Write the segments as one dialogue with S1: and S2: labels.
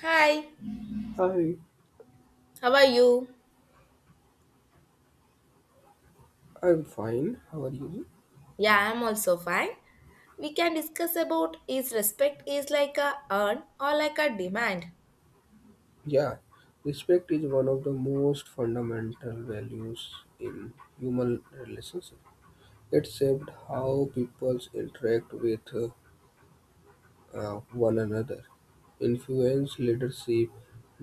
S1: Hi,
S2: I
S1: how are you?
S2: I'm fine. How are you?
S1: Yeah, I'm also fine. We can discuss about is respect is like a earn or like a demand.
S2: Yeah, respect is one of the most fundamental values in human relationship. It shaped how peoples interact with one another, influence leadership,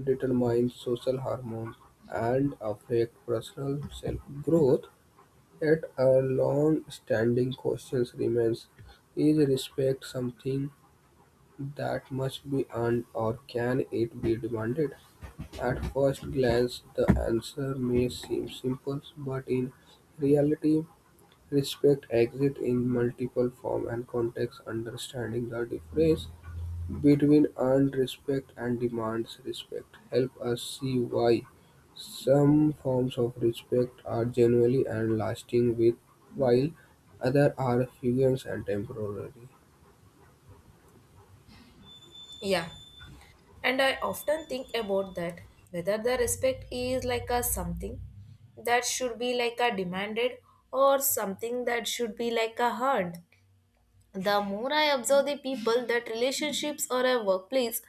S2: determines social harmony, and affect personal self-growth. Yet a long-standing question remains: is respect something that must be earned, or can it be demanded? At first glance, the answer may seem simple, but in reality, respect exists in multiple forms and contexts. Understanding the difference between earned respect and demands respect help us see why some forms of respect are genuinely and lasting, with while others are figures and temporary.
S1: Yeah, and I often think about that whether the respect is like a something that should be like a demanded or something that should be like a earned. The more I observe the people that relationships or a workplace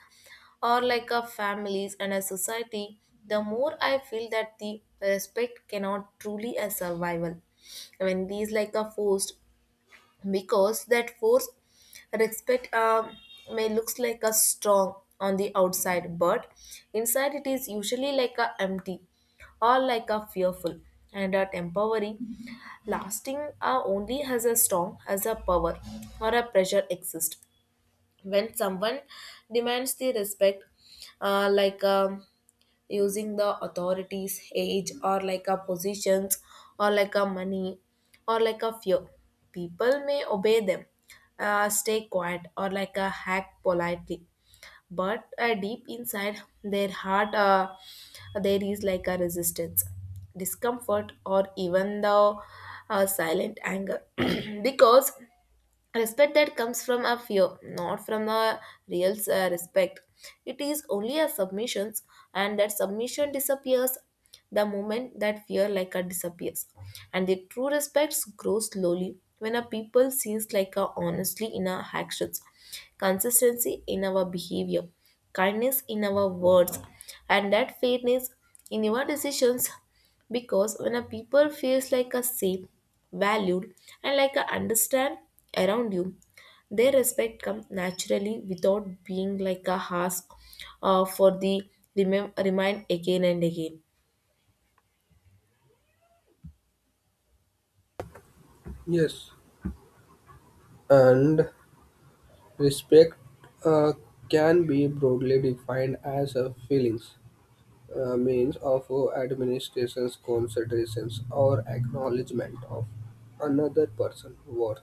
S1: or like a families and a society, the more I feel that the respect cannot truly a survival. When these like a forced because that force respect may looks like a strong on the outside, but inside it is usually like a empty or like a fearful and a temporary. Lasting are only as a strong as a power or a pressure exist. When someone demands the respect, uh, like um, using the authorities, age, or like a positions, or like a money, or like a fear, people may obey them, stay quiet, or like a hack politely, but deep inside their heart there is like a resistance, discomfort, or even the silent anger because respect that comes from a fear, not from a real respect. It is only a submission, and that submission disappears the moment that fear like a disappears. And the true respect grows slowly when a people sees like a honestly in our actions, consistency in our behavior, kindness in our words, and that fairness in your decisions, because when a people feels like a safe, valued, and like a understand around you, their respect comes naturally without being like a ask for the remind again and again.
S2: Yes, and respect uh, can be broadly defined as a feelings means of administration's considerations or acknowledgement of another person's worth.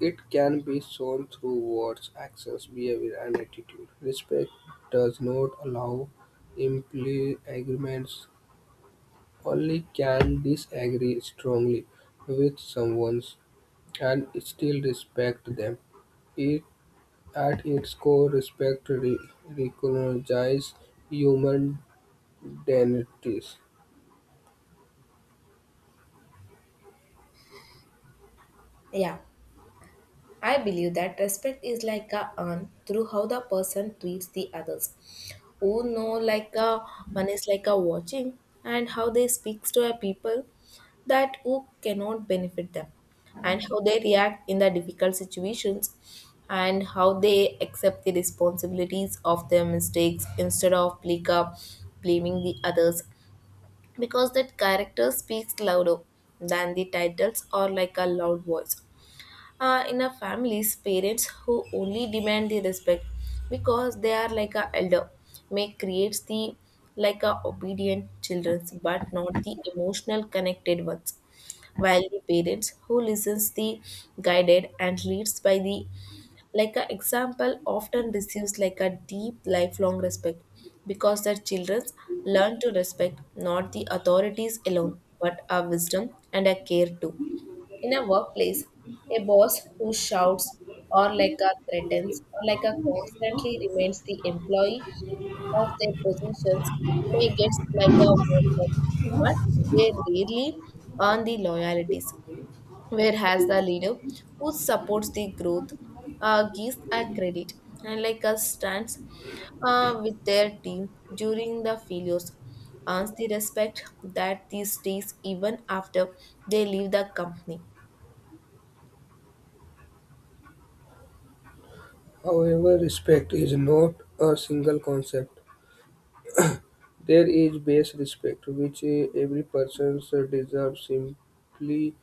S2: It can be shown through words, actions, behavior, and attitude. Respect does not allow imply agreements, only can disagree strongly with someone's and still respect them. It, at its core, recognizes human identities.
S1: Yeah, I believe that respect is like a earned through how the person treats the others. Who know like a one is like a watching, and how they speaks to a people that who cannot benefit them, and how they react in the difficult situations, and how they accept the responsibilities of their mistakes instead of like blaming the others, because that character speaks louder than the titles or like a loud voice. Uh, in a families parents who only demand the respect because they are like a elder may creates the like a obedient children, but not the emotional connected ones, while the parents who listens the guided and leads by the like a example often receives like a deep lifelong respect because their children learn to respect not the authorities alone, but our wisdom and our care too. In a workplace, a boss who shouts or like a threatens or like a constantly reminds the employee of their positions may get like a worker, but they rarely earn the loyalties. Whereas the leader who supports the growth, gives a credit, and like a stands with their team during the failures earns the respect that these stays even after they leave the company.
S2: However, respect is not a single concept. There is base respect, which every person deserves simply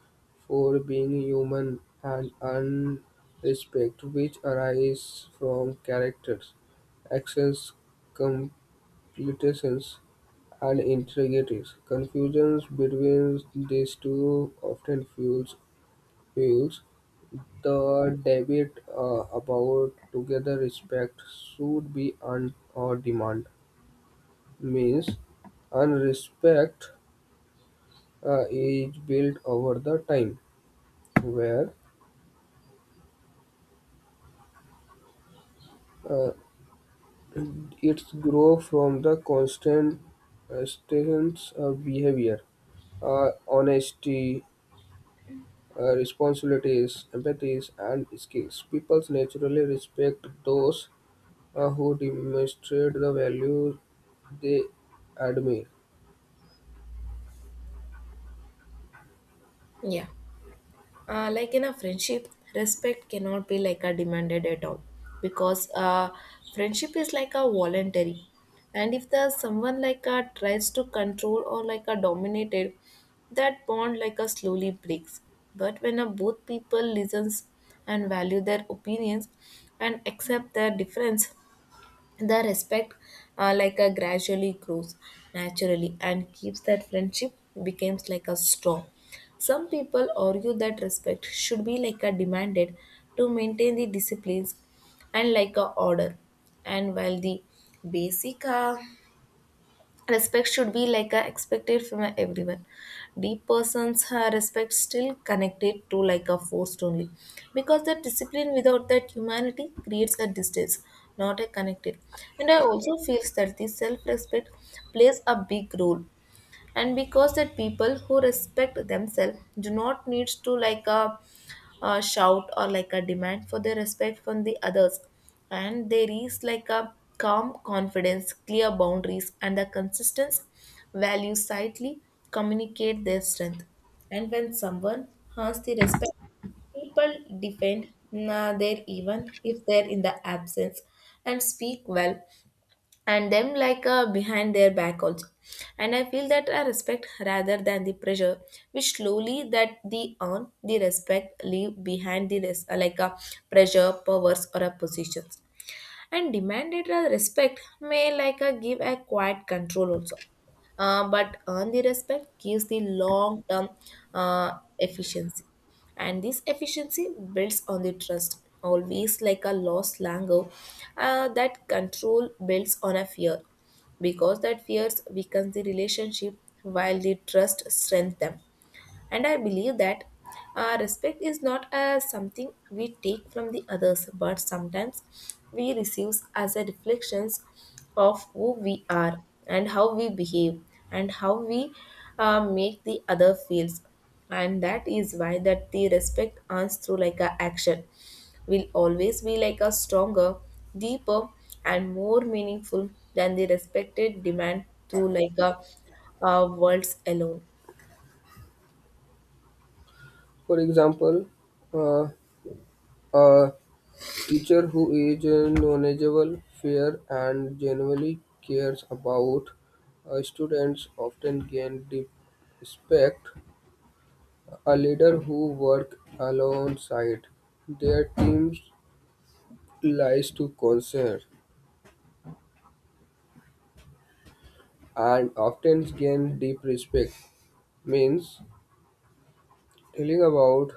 S2: for being human, and unrespect, which arises from characters, actions, completions, and integrities. Confusions between these two often fuels the debate about together respect should be earned or demand means earned respect is built over the time where uh, it grows from the constant statements of behavior, honesty, responsibilities, empathies, and skills. People naturally respect those who demonstrate the values they admire.
S1: Yeah. Like in a friendship, respect cannot be like a demanded at all because friendship is like a voluntary. And if the someone like a tries to control or like a dominated, that bond like a slowly breaks. But when a both people listens and value their opinions and accept their difference, the respect like a gradually grows naturally, and keeps that friendship becomes like a strong. Some people argue that respect should be like a demanded to maintain the disciplines and like a order, and while the basic respect should be like a expected from everyone. Deep persons respect still connected to like a forced only, because that discipline without that humanity creates a distance, not a connected. And I also feel that the self-respect plays a big role, and because that people who respect themselves do not need to like a shout or like a demand for their respect from the others, and they reach like a calm confidence, clear boundaries, and a consistent value sightly communicate their strength. And when someone has the respect, people defend nah, their even if they're in the absence, and speak well and them behind their back also. And I feel that I respect rather than the pressure, which slowly that the earn the respect leave behind the like a pressure, powers, or a positions. And demanded a respect may like a give a quiet control also, but earn the respect gives the long term efficiency, and this efficiency builds on the trust always like a lost lango. Uh, that control builds on a fear because that fears weakens the relationship, while the trust strengthens them. And I believe that respect is not something we take from the others, but sometimes we receive as a reflections of who we are, and how we behave, and how we make the other feels. And that is why that the respect earns through like a action will always be like a stronger, deeper, and more meaningful than the respected demand through like a, words alone.
S2: For example, uh, a teacher who is knowledgeable, fair, and genuinely cares about students often gain deep respect. A leader who works alongside their teams lies to concern and often gain deep respect means telling about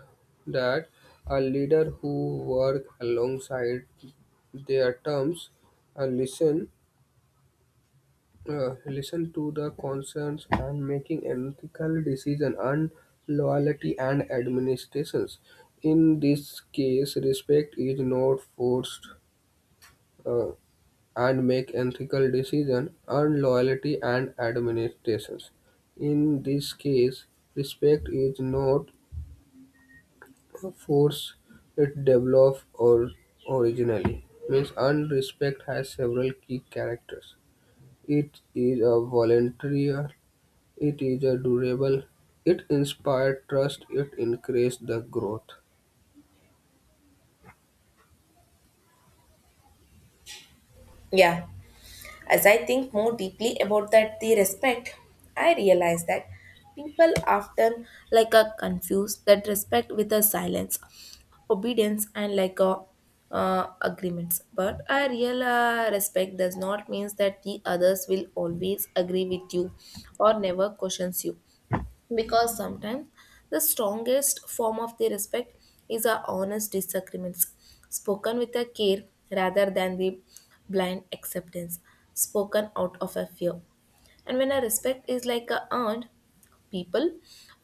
S2: that a leader who work alongside their terms and listen to the concerns and making ethical decision and loyalty and administrations. In this case, respect is not forced uh, and make ethical decision and loyalty and administrations. In this case, respect is not forced, it developed or originally. Means unrespect has several key characters. It is a voluntary. It is a durable. It inspired trust. It increased the growth.
S1: Yeah. As I think more deeply about that the respect, I realize that people often like a confuse that respect with a silence, obedience, and like a agreements. But a real respect does not means that the others will always agree with you or never questions you, because sometimes the strongest form of the respect is our honest disagreements spoken with a care rather than the blind acceptance spoken out of a fear. And when a respect is like a earned, people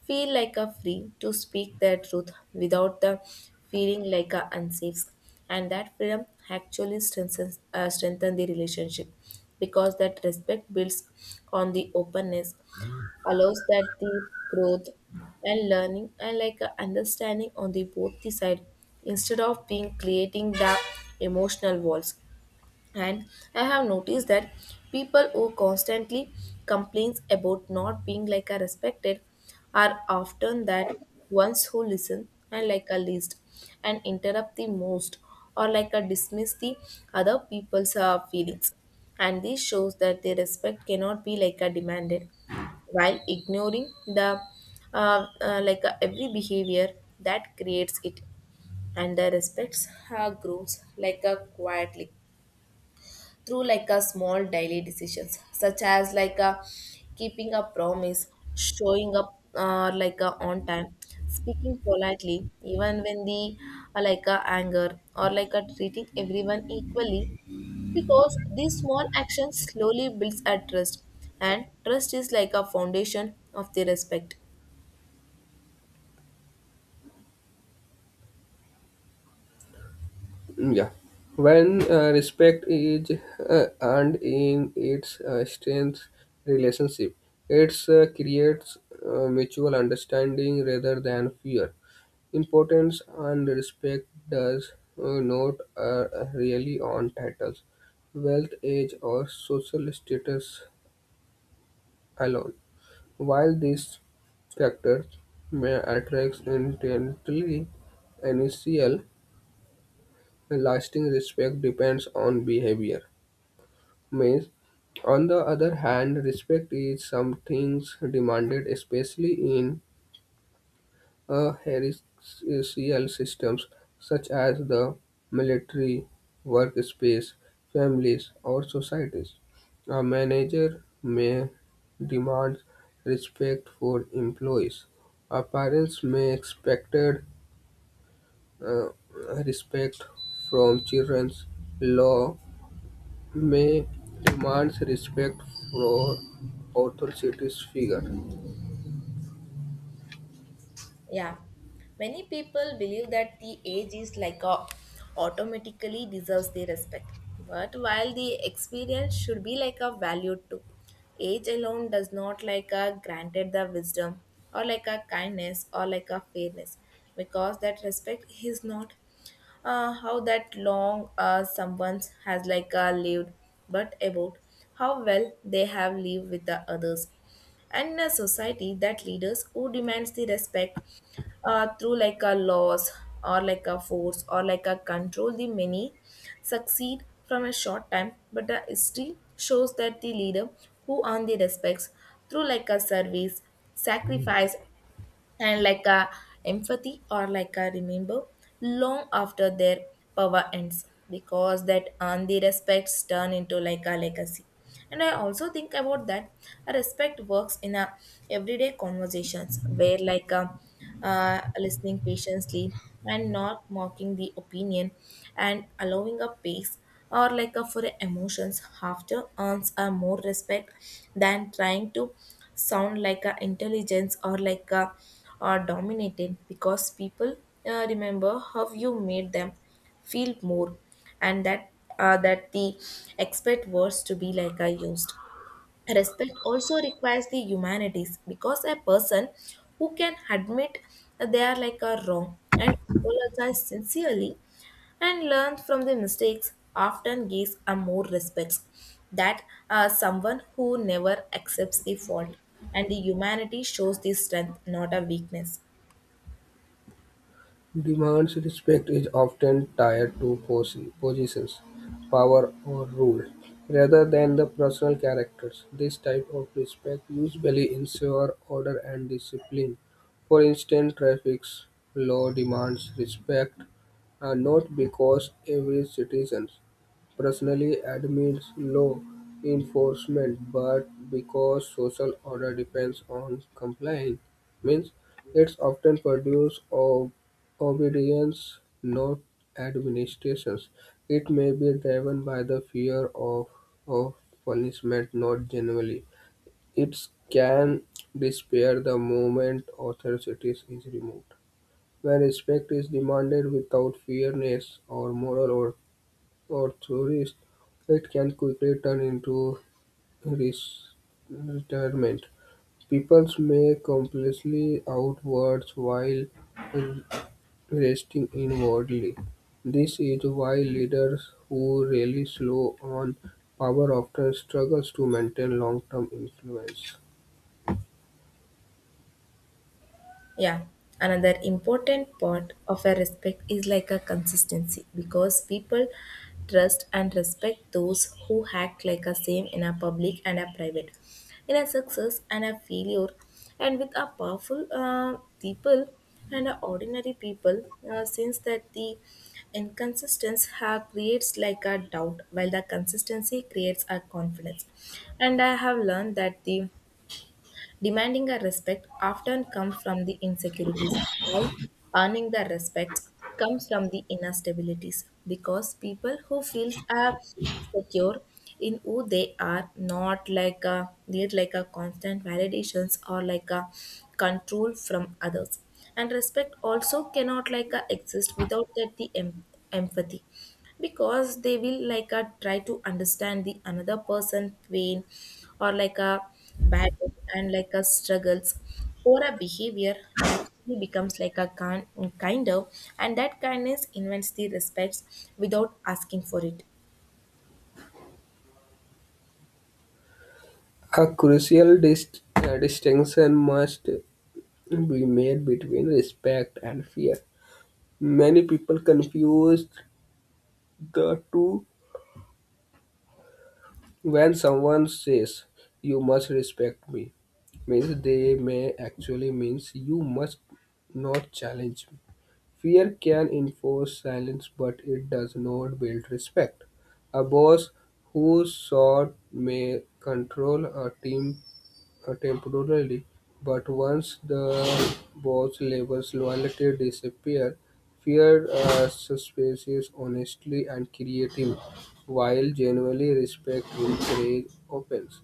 S1: feel like a free to speak their truth without the feeling like a unsafe, and that freedom actually strengthen the relationship, because that respect builds on the openness allows that the growth and learning and like a understanding on the both the side instead of being creating the emotional walls. And I have noticed that people who constantly complains about not being like a respected are often that ones who listen and like a least and interrupt the most, or like a dismiss the other people's feelings, and this shows that their respect cannot be like a demanded while ignoring the every behavior that creates it. And the respects grows like a quietly through like a small daily decisions such as like a keeping a promise, showing up like a on time, speaking politely even when the like a anger, or like a treating everyone equally, because these small actions slowly builds a trust, and trust is like a foundation of the respect.
S2: Yeah, when respect is earned in its strength relationship, it creates mutual understanding rather than fear. Importance and respect does not really on titles, wealth, age, or social status alone. While these factors may attract intently initial lasting respect depends on behavior. Means, on the other hand, respect is something demanded especially in hierarchical systems such as the military, workspace, families, or societies. A manager may demand respect for employees. Our parents may expect respect from children. Law may demand respect for authority figure.
S1: Yeah, many people believe that the age is like a automatically deserves their respect. But while the experience should be like a value too, age alone does not like a granted the wisdom or like a kindness or like a fairness, because that respect is not how that long someone has lived, but about how well they have lived with the others. And in a society that leaders who demands the respect through like a laws or like a force or like a control the many succeed from a short time, but the history shows that the leader who earn the respects through like a service, sacrifice, and like a empathy or like a remember long after their power ends, because that and the respects turn into like a legacy. And I also think about that a respect works in a everyday conversations where like a, listening patiently and not mocking the opinion and allowing a pace or like a for emotions after earns a more respect than trying to sound like a intelligence or like a or dominated, because people remember how you made them feel more, and that that the expert words to be like are used. Respect also requires the humanities because a person who can admit that they are like a wrong and apologize sincerely and learn from the mistakes often gives a more respect that someone who never accepts the fault, and the humanity shows the strength not a weakness.
S2: Demands respect is often tied to positions, power, or rule, rather than the personal characters. This type of respect usually ensures order and discipline. For instance, traffic law demands respect not because every citizen personally admits law enforcement, but because social order depends on compliance, means it's often produces of obedience, not administrations. It may be driven by the fear of punishment, not generally. It can disappear the moment authority is removed. When respect is demanded without fairness or moral or tourists, it can quickly turn into res- retirement. People may completely outwards while resting inwardly. This is why leaders who really slow on power often struggles to maintain long-term influence.
S1: Yeah, another important part of a respect is like a consistency because people trust and respect those who act like a same in a public and a private, in a success and a failure, and with a powerful people and a ordinary people, since that the inconsistency have creates like a doubt, while the consistency creates a confidence. And I have learned that the Demanding a respect often comes from the insecurities, while earning the respect comes from the inner stabilities because people who feels are secure in who they are not like a need like a constant validations or like a control from others. And respect also cannot like a exist without that the empathy because they will like try to understand the another person pain or like a bad and like a struggles or a behavior naturally becomes like a kind, kind of, and that kindness invents the respects without asking for it.
S2: A crucial distinction must be made between respect and fear. Many people confuse the two. When someone says you must respect me, means they may actually means you must not challenge me. Fear can enforce silence, but it does not build respect. A boss who sought may control a team temporarily, but once the boss label's loyalty disappear, fear suspicious honestly and creative, while genuinely respect encourage opens.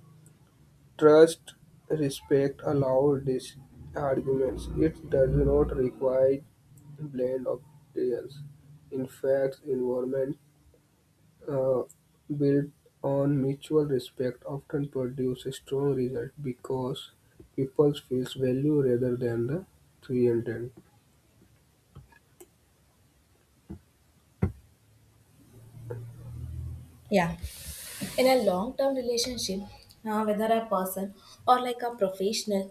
S2: Trust, respect allow these arguments. It does not require blend of deals. In fact, environment uh, built on mutual respect often produce strong results because people feel value rather than the threatened.
S1: Yeah. In a long term relationship, whether a person or like a professional,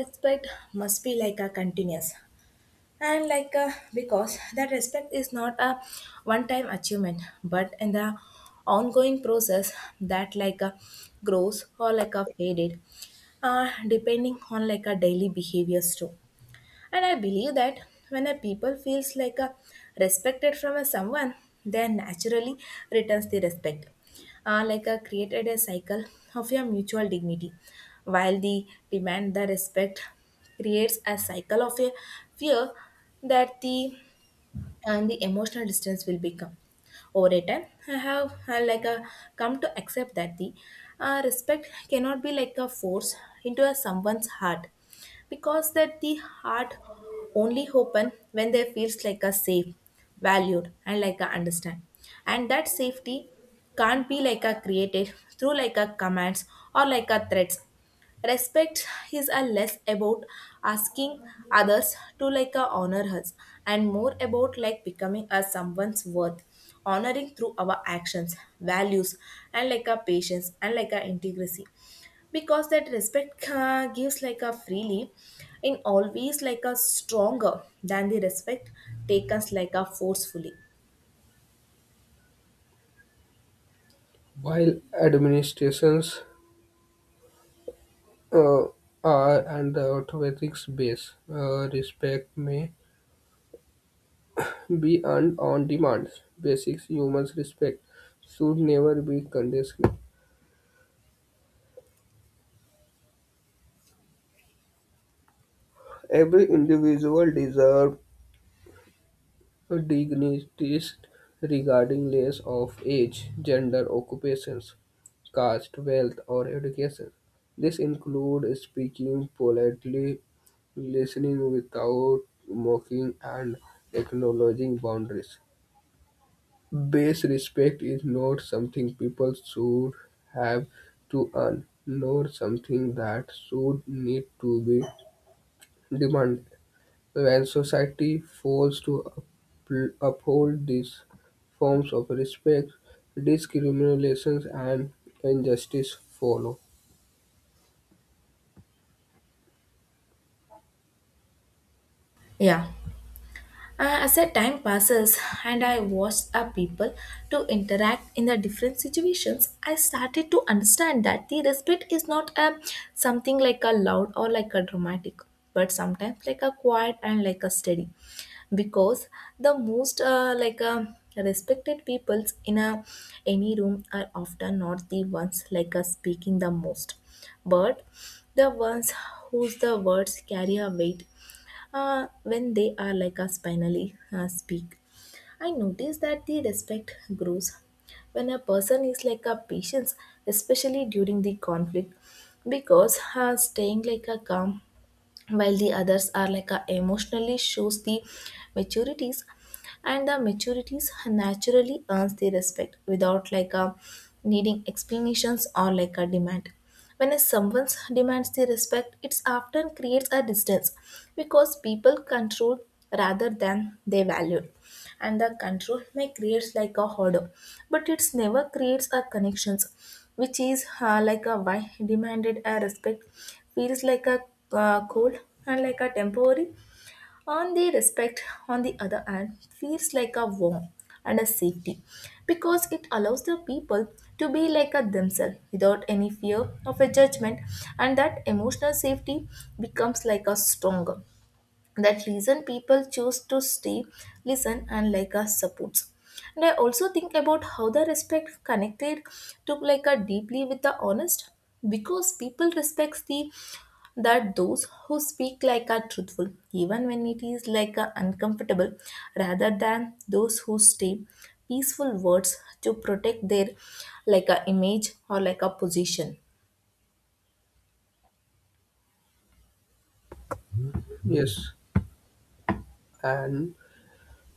S1: respect must be like a continuous and because that respect is not a one time achievement but in the ongoing process that grows or like a faded, depending on like a daily behaviors too. And I believe that when a people feels like a respected from a someone, they naturally returns the respect. Like a created a cycle of your mutual dignity. While the demand the respect creates a cycle of a fear that the and the emotional distance will become over a time. I have like a come to accept that the respect cannot be like a force into a someone's heart because that the heart only open when they feels like a safe, valued and like a understand. And that safety can't be like a created through like a commands or like a threats. Respect is a less about asking others to honor us and more about like becoming a someone's worth honoring through our actions values and like our patience and like our integrity, because that respect gives like a freely in always like a stronger than the respect taken like a forcefully.
S2: While administrations uh, are and the authorities base, respect may be earned on demand. Basic human respect should never be conditional. Every individual deserves dignities regarding less of age, gender, occupations, caste, wealth, or education. This includes speaking politely, listening without mocking, and acknowledging boundaries. Base respect is not something people should have to earn, nor something that should need to be demanded. When society fails to uphold these forms of respect, discriminations and injustice follow.
S1: Yeah. As the time passes and I watch a people to interact in the different situations, I started to understand that the respect is not a something like a loud or like a dramatic, but sometimes like a quiet and like a steady. Because the most like a respected peoples in a any room are often not the ones like us speaking the most, but the ones whose the words carry a weight when they are like a spinally speak. I notice that the respect grows when a person is like a patience, especially during the conflict, because staying like a calm while the others are like a emotionally shows the maturities, and the maturities naturally earns the respect without like a needing explanations or like a demand. When a someone demands the respect it often creates a distance because people control rather than they value, and the control may creates like a hoarder but it's never creates a connections, which is like a why demanded a respect feels like a cold and like a temporary. On the respect on the other hand feels like a warm and a safety because it allows the people to be like a themselves without any fear of a judgment, and that emotional safety becomes like a stronger that reason people choose to stay, listen and like us supports. And I also think about how the respect connected to like a deeply with the honest because people respects the that those who speak like are truthful even when it is like a uncomfortable, rather than those who stay peaceful words to protect their like a image or like a position.
S2: Yes, and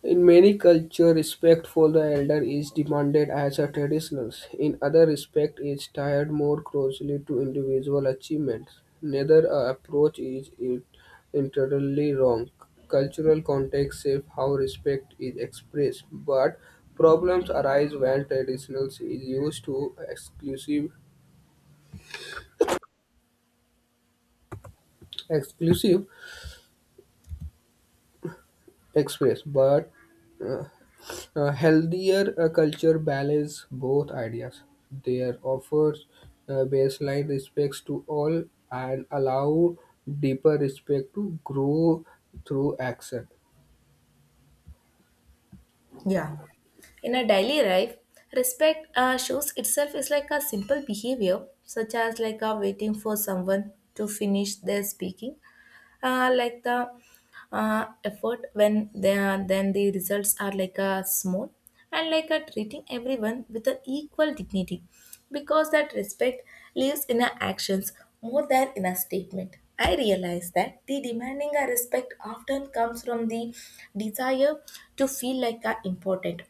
S2: in many cultures, respect for the elder is demanded as a traditional. In other respect is tied more closely to individual achievements. Neither approach is entirely wrong. Cultural context shape how respect is expressed, but problems arise when traditional is used to exclusive express but uh, a healthier culture balances both ideas. There offers baseline respects to all and allow deeper respect to grow through action.
S1: Yeah. In a daily life, respect shows itself is like a simple behavior, such as like a waiting for someone to finish their speaking, like the effort when they are, then the results are like a small, and like a treating everyone with an equal dignity, because that respect lives in our actions more than in a statement. I realize that the demanding a respect often comes from the desire to feel like a important,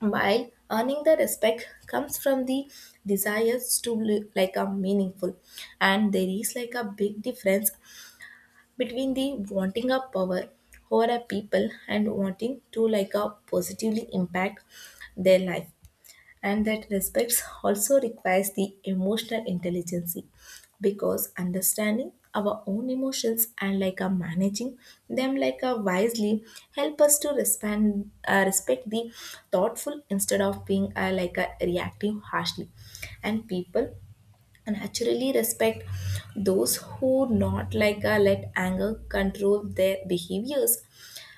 S1: while earning the respect comes from the desires to like a meaningful, and there is like a big difference between the wanting a power over a people and wanting to like a positively impact their life. And that respect also requires the emotional intelligence because understanding our own emotions and like a managing them like a wisely help us to respond, respect the thoughtful instead of being like a reactive harshly. And people and naturally respect those who not let anger control their behaviors.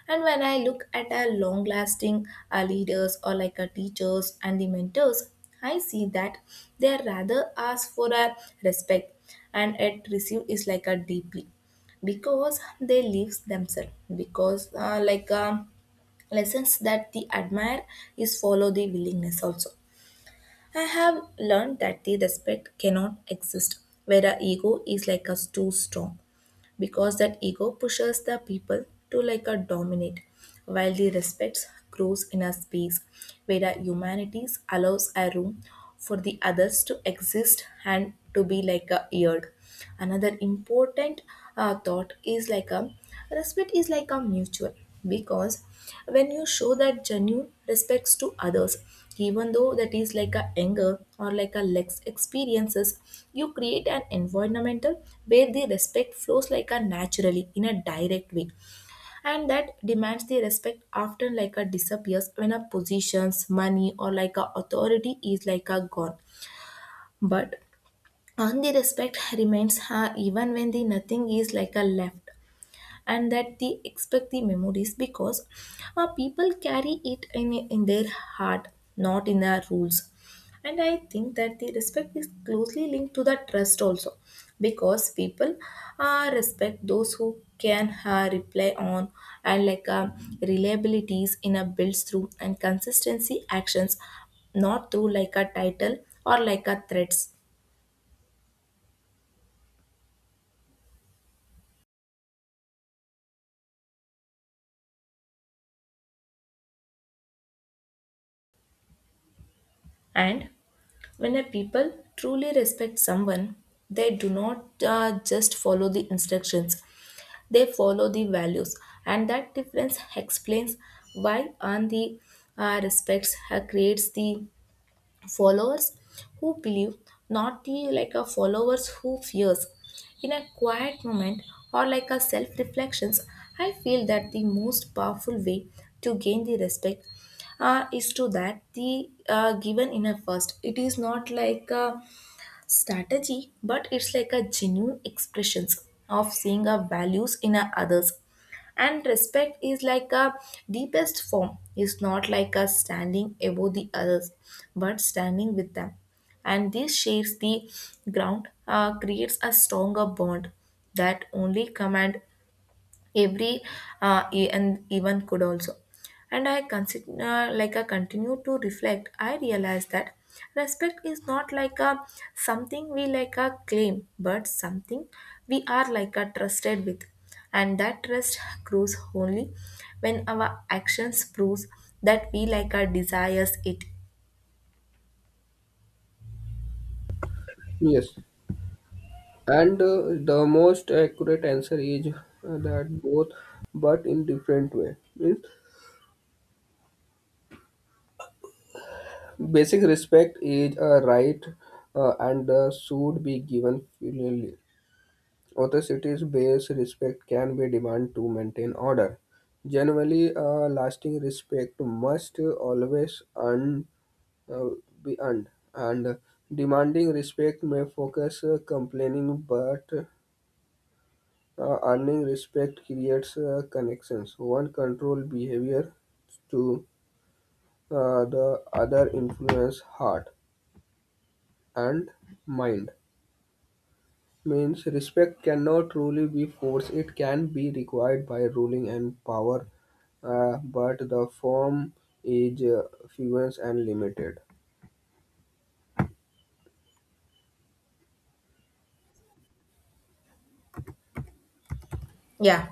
S1: And when I look at our long lasting leaders or like our teachers and the mentors, I see that they rather ask for a respect, and it received is like a deeply because they live themselves because lessons that they admire is follow the willingness also. I have learned that the respect cannot exist where the ego is like us too strong because that ego pushes the people to like a dominate, while the respect grows in a space where the humanities allows a room for the others to exist and to be like a eared. Another important thought is like a Respect is like a mutual because when you show that genuine respects to others, even though that is like a anger or like a lex experiences, you create an environmental where the respect flows like a naturally in a direct way. And that demands the respect often like a disappears when a positions, money or like a authority is like a gone, but on the respect remains even when the nothing is like a left, and that they expect the memories because people carry it in their heart, not in their rules. And I think that the respect is closely linked to the trust also because people respect those who can rely on and reliabilities in a builds through and consistency actions, not through like a title or like a threats. And when a people truly respect someone, they do not just follow the instructions, they follow the values. And that difference explains why on the respects creates the followers who believe, not the like a followers who fears. In a quiet moment or like a self reflections, I feel that the most powerful way to gain the respect is to that the given in a first. It is not like a strategy, but it's like a genuine expressions of seeing our values in our others. And respect is like a deepest form. It's not like a standing above the others, but standing with them. And this shares the ground, creates a stronger bond that only command every and even could also. And I consider like I continue to reflect I realize that respect is not like a something we like a claim but something we are like a trusted with, and that trust grows only when our actions proves that we like our desires it.
S2: Yes, and the most accurate answer is that both, but in different way. Means basic respect is a right and should be given freely. Other cities base respect can be demand to maintain order. Generally, lasting respect must always uh, be earned, and demanding respect may focus complaining, but earning respect creates connections. One control behavior to the other influence heart and mind. Means respect cannot truly be forced. It can be required by ruling and power, but the form is fluent and limited.
S1: Yeah.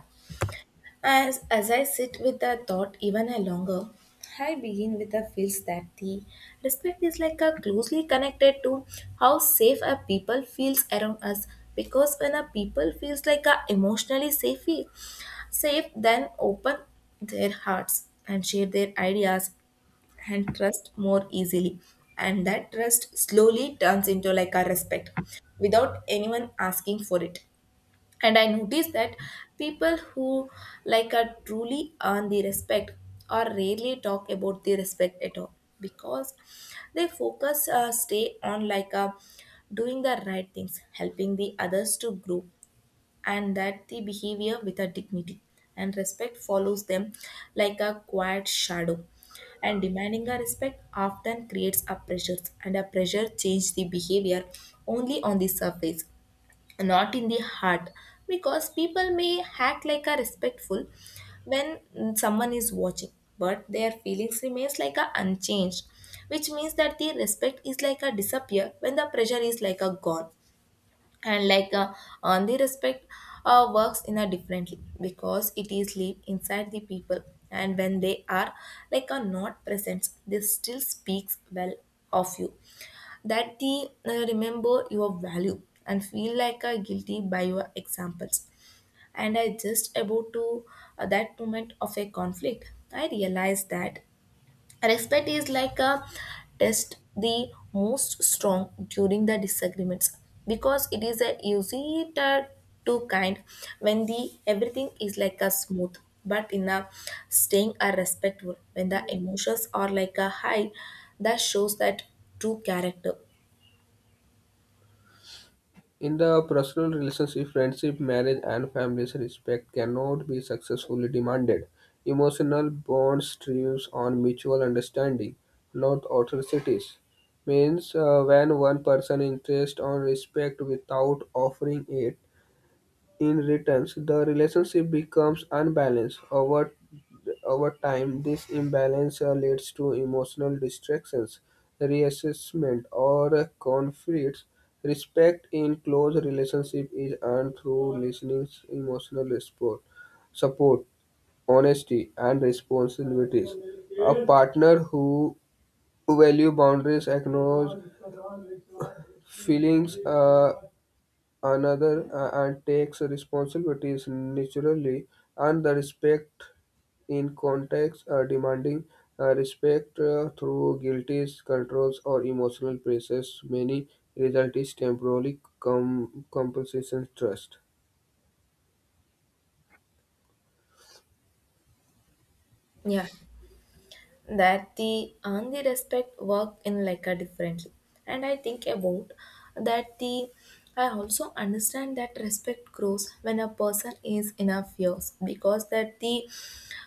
S1: As I sit with the thought even a longer, I begin with the feels that the respect is like a closely connected to how safe a people feels around us, because when a people feels like a emotionally safe then open their hearts and share their ideas and trust more easily, and that trust slowly turns into like a respect without anyone asking for it. And I noticed that people who like are truly earn the respect or rarely talk about the respect at all, because they focus stay on doing the right things, helping the others to grow, and that the behavior with a dignity, and respect follows them like a quiet shadow. And demanding a respect often creates a pressure, and a pressure change the behavior only on the surface, not in the heart, because people may act like a respectful when someone is watching but their feelings remains like a unchanged, which means that the respect is like a disappear when the pressure is like a gone. And like a on the respect works in a differently because it is live inside the people, and when they are like a not present this still speaks well of you, that they remember your value and feel like a guilty by your examples. And I just about to that moment of a conflict I realized that respect is like a test the most strong during the disagreements, because it is a easy to kind when the everything is like a smooth, but in a staying a respectful when the emotions are like a high, that shows that true character.
S2: In the personal relationship, friendship, marriage, and families, respect cannot be successfully demanded. Emotional bonds thrives on mutual understanding, not authorities. Means when one person insists on respect without offering it, in return, the relationship becomes unbalanced over time. This imbalance leads to emotional distractions, reassessment, or conflicts. Respect in close relationship is earned through listening, emotional support, honesty, and responsibilities. A partner who value boundaries, acknowledge feelings, another and takes responsibilities naturally and the respect in context demanding respect through guilties controls or emotional pressures many result is temporary compensation trust.
S1: Yeah, that the and the respect work in like a differently. And I think about that the I also understand that respect grows when a person is in a fears because that the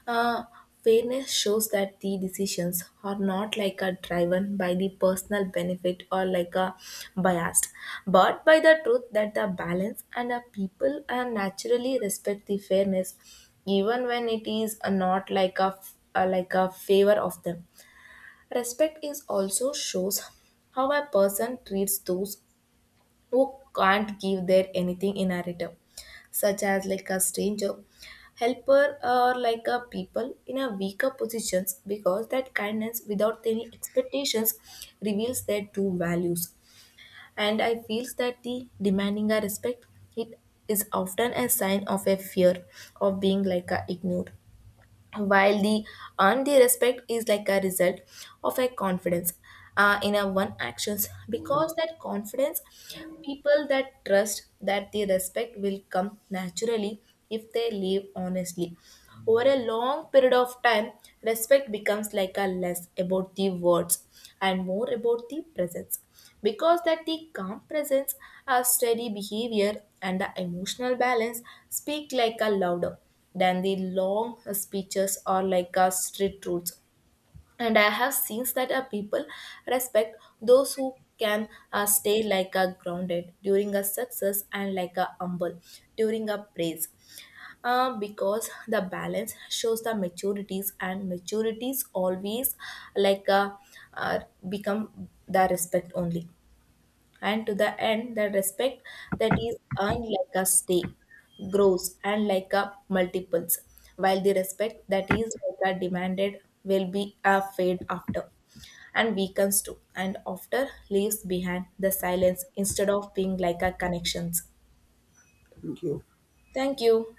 S1: uh, fairness shows that the decisions are not like a driven by the personal benefit or like a biased, but by the truth that the balance, and the people are naturally respect the fairness, even when it is not like a like a favor of them. Respect is also shows how a person treats those who can't give their anything in a return, such as like a stranger, helper, or like a people in a weaker positions, because that kindness without any expectations reveals their true values. And I feels that the demanding a respect it is often a sign of a fear of being like a ignored, while the earned the respect is like a result of a confidence in a one actions, because that confidence people that trust that the respect will come naturally if they live honestly. Over a long period of time respect becomes like a less about the words and more about the presence, because that the calm presence, a steady behavior, and the emotional balance speak like a louder than the long speeches or like a street rules. And I have seen that a people respect those who can stay like a grounded during a success and like a humble during a praise, because the balance shows the maturities, and maturities always like a, uh, become the respect only. And to the end the respect that is earned like a stake grows and like a multiples, while the respect that is like a demanded will be a fade after and weakens too, and after leaves behind the silence instead of being like a connections.
S2: Thank you.
S1: Thank you.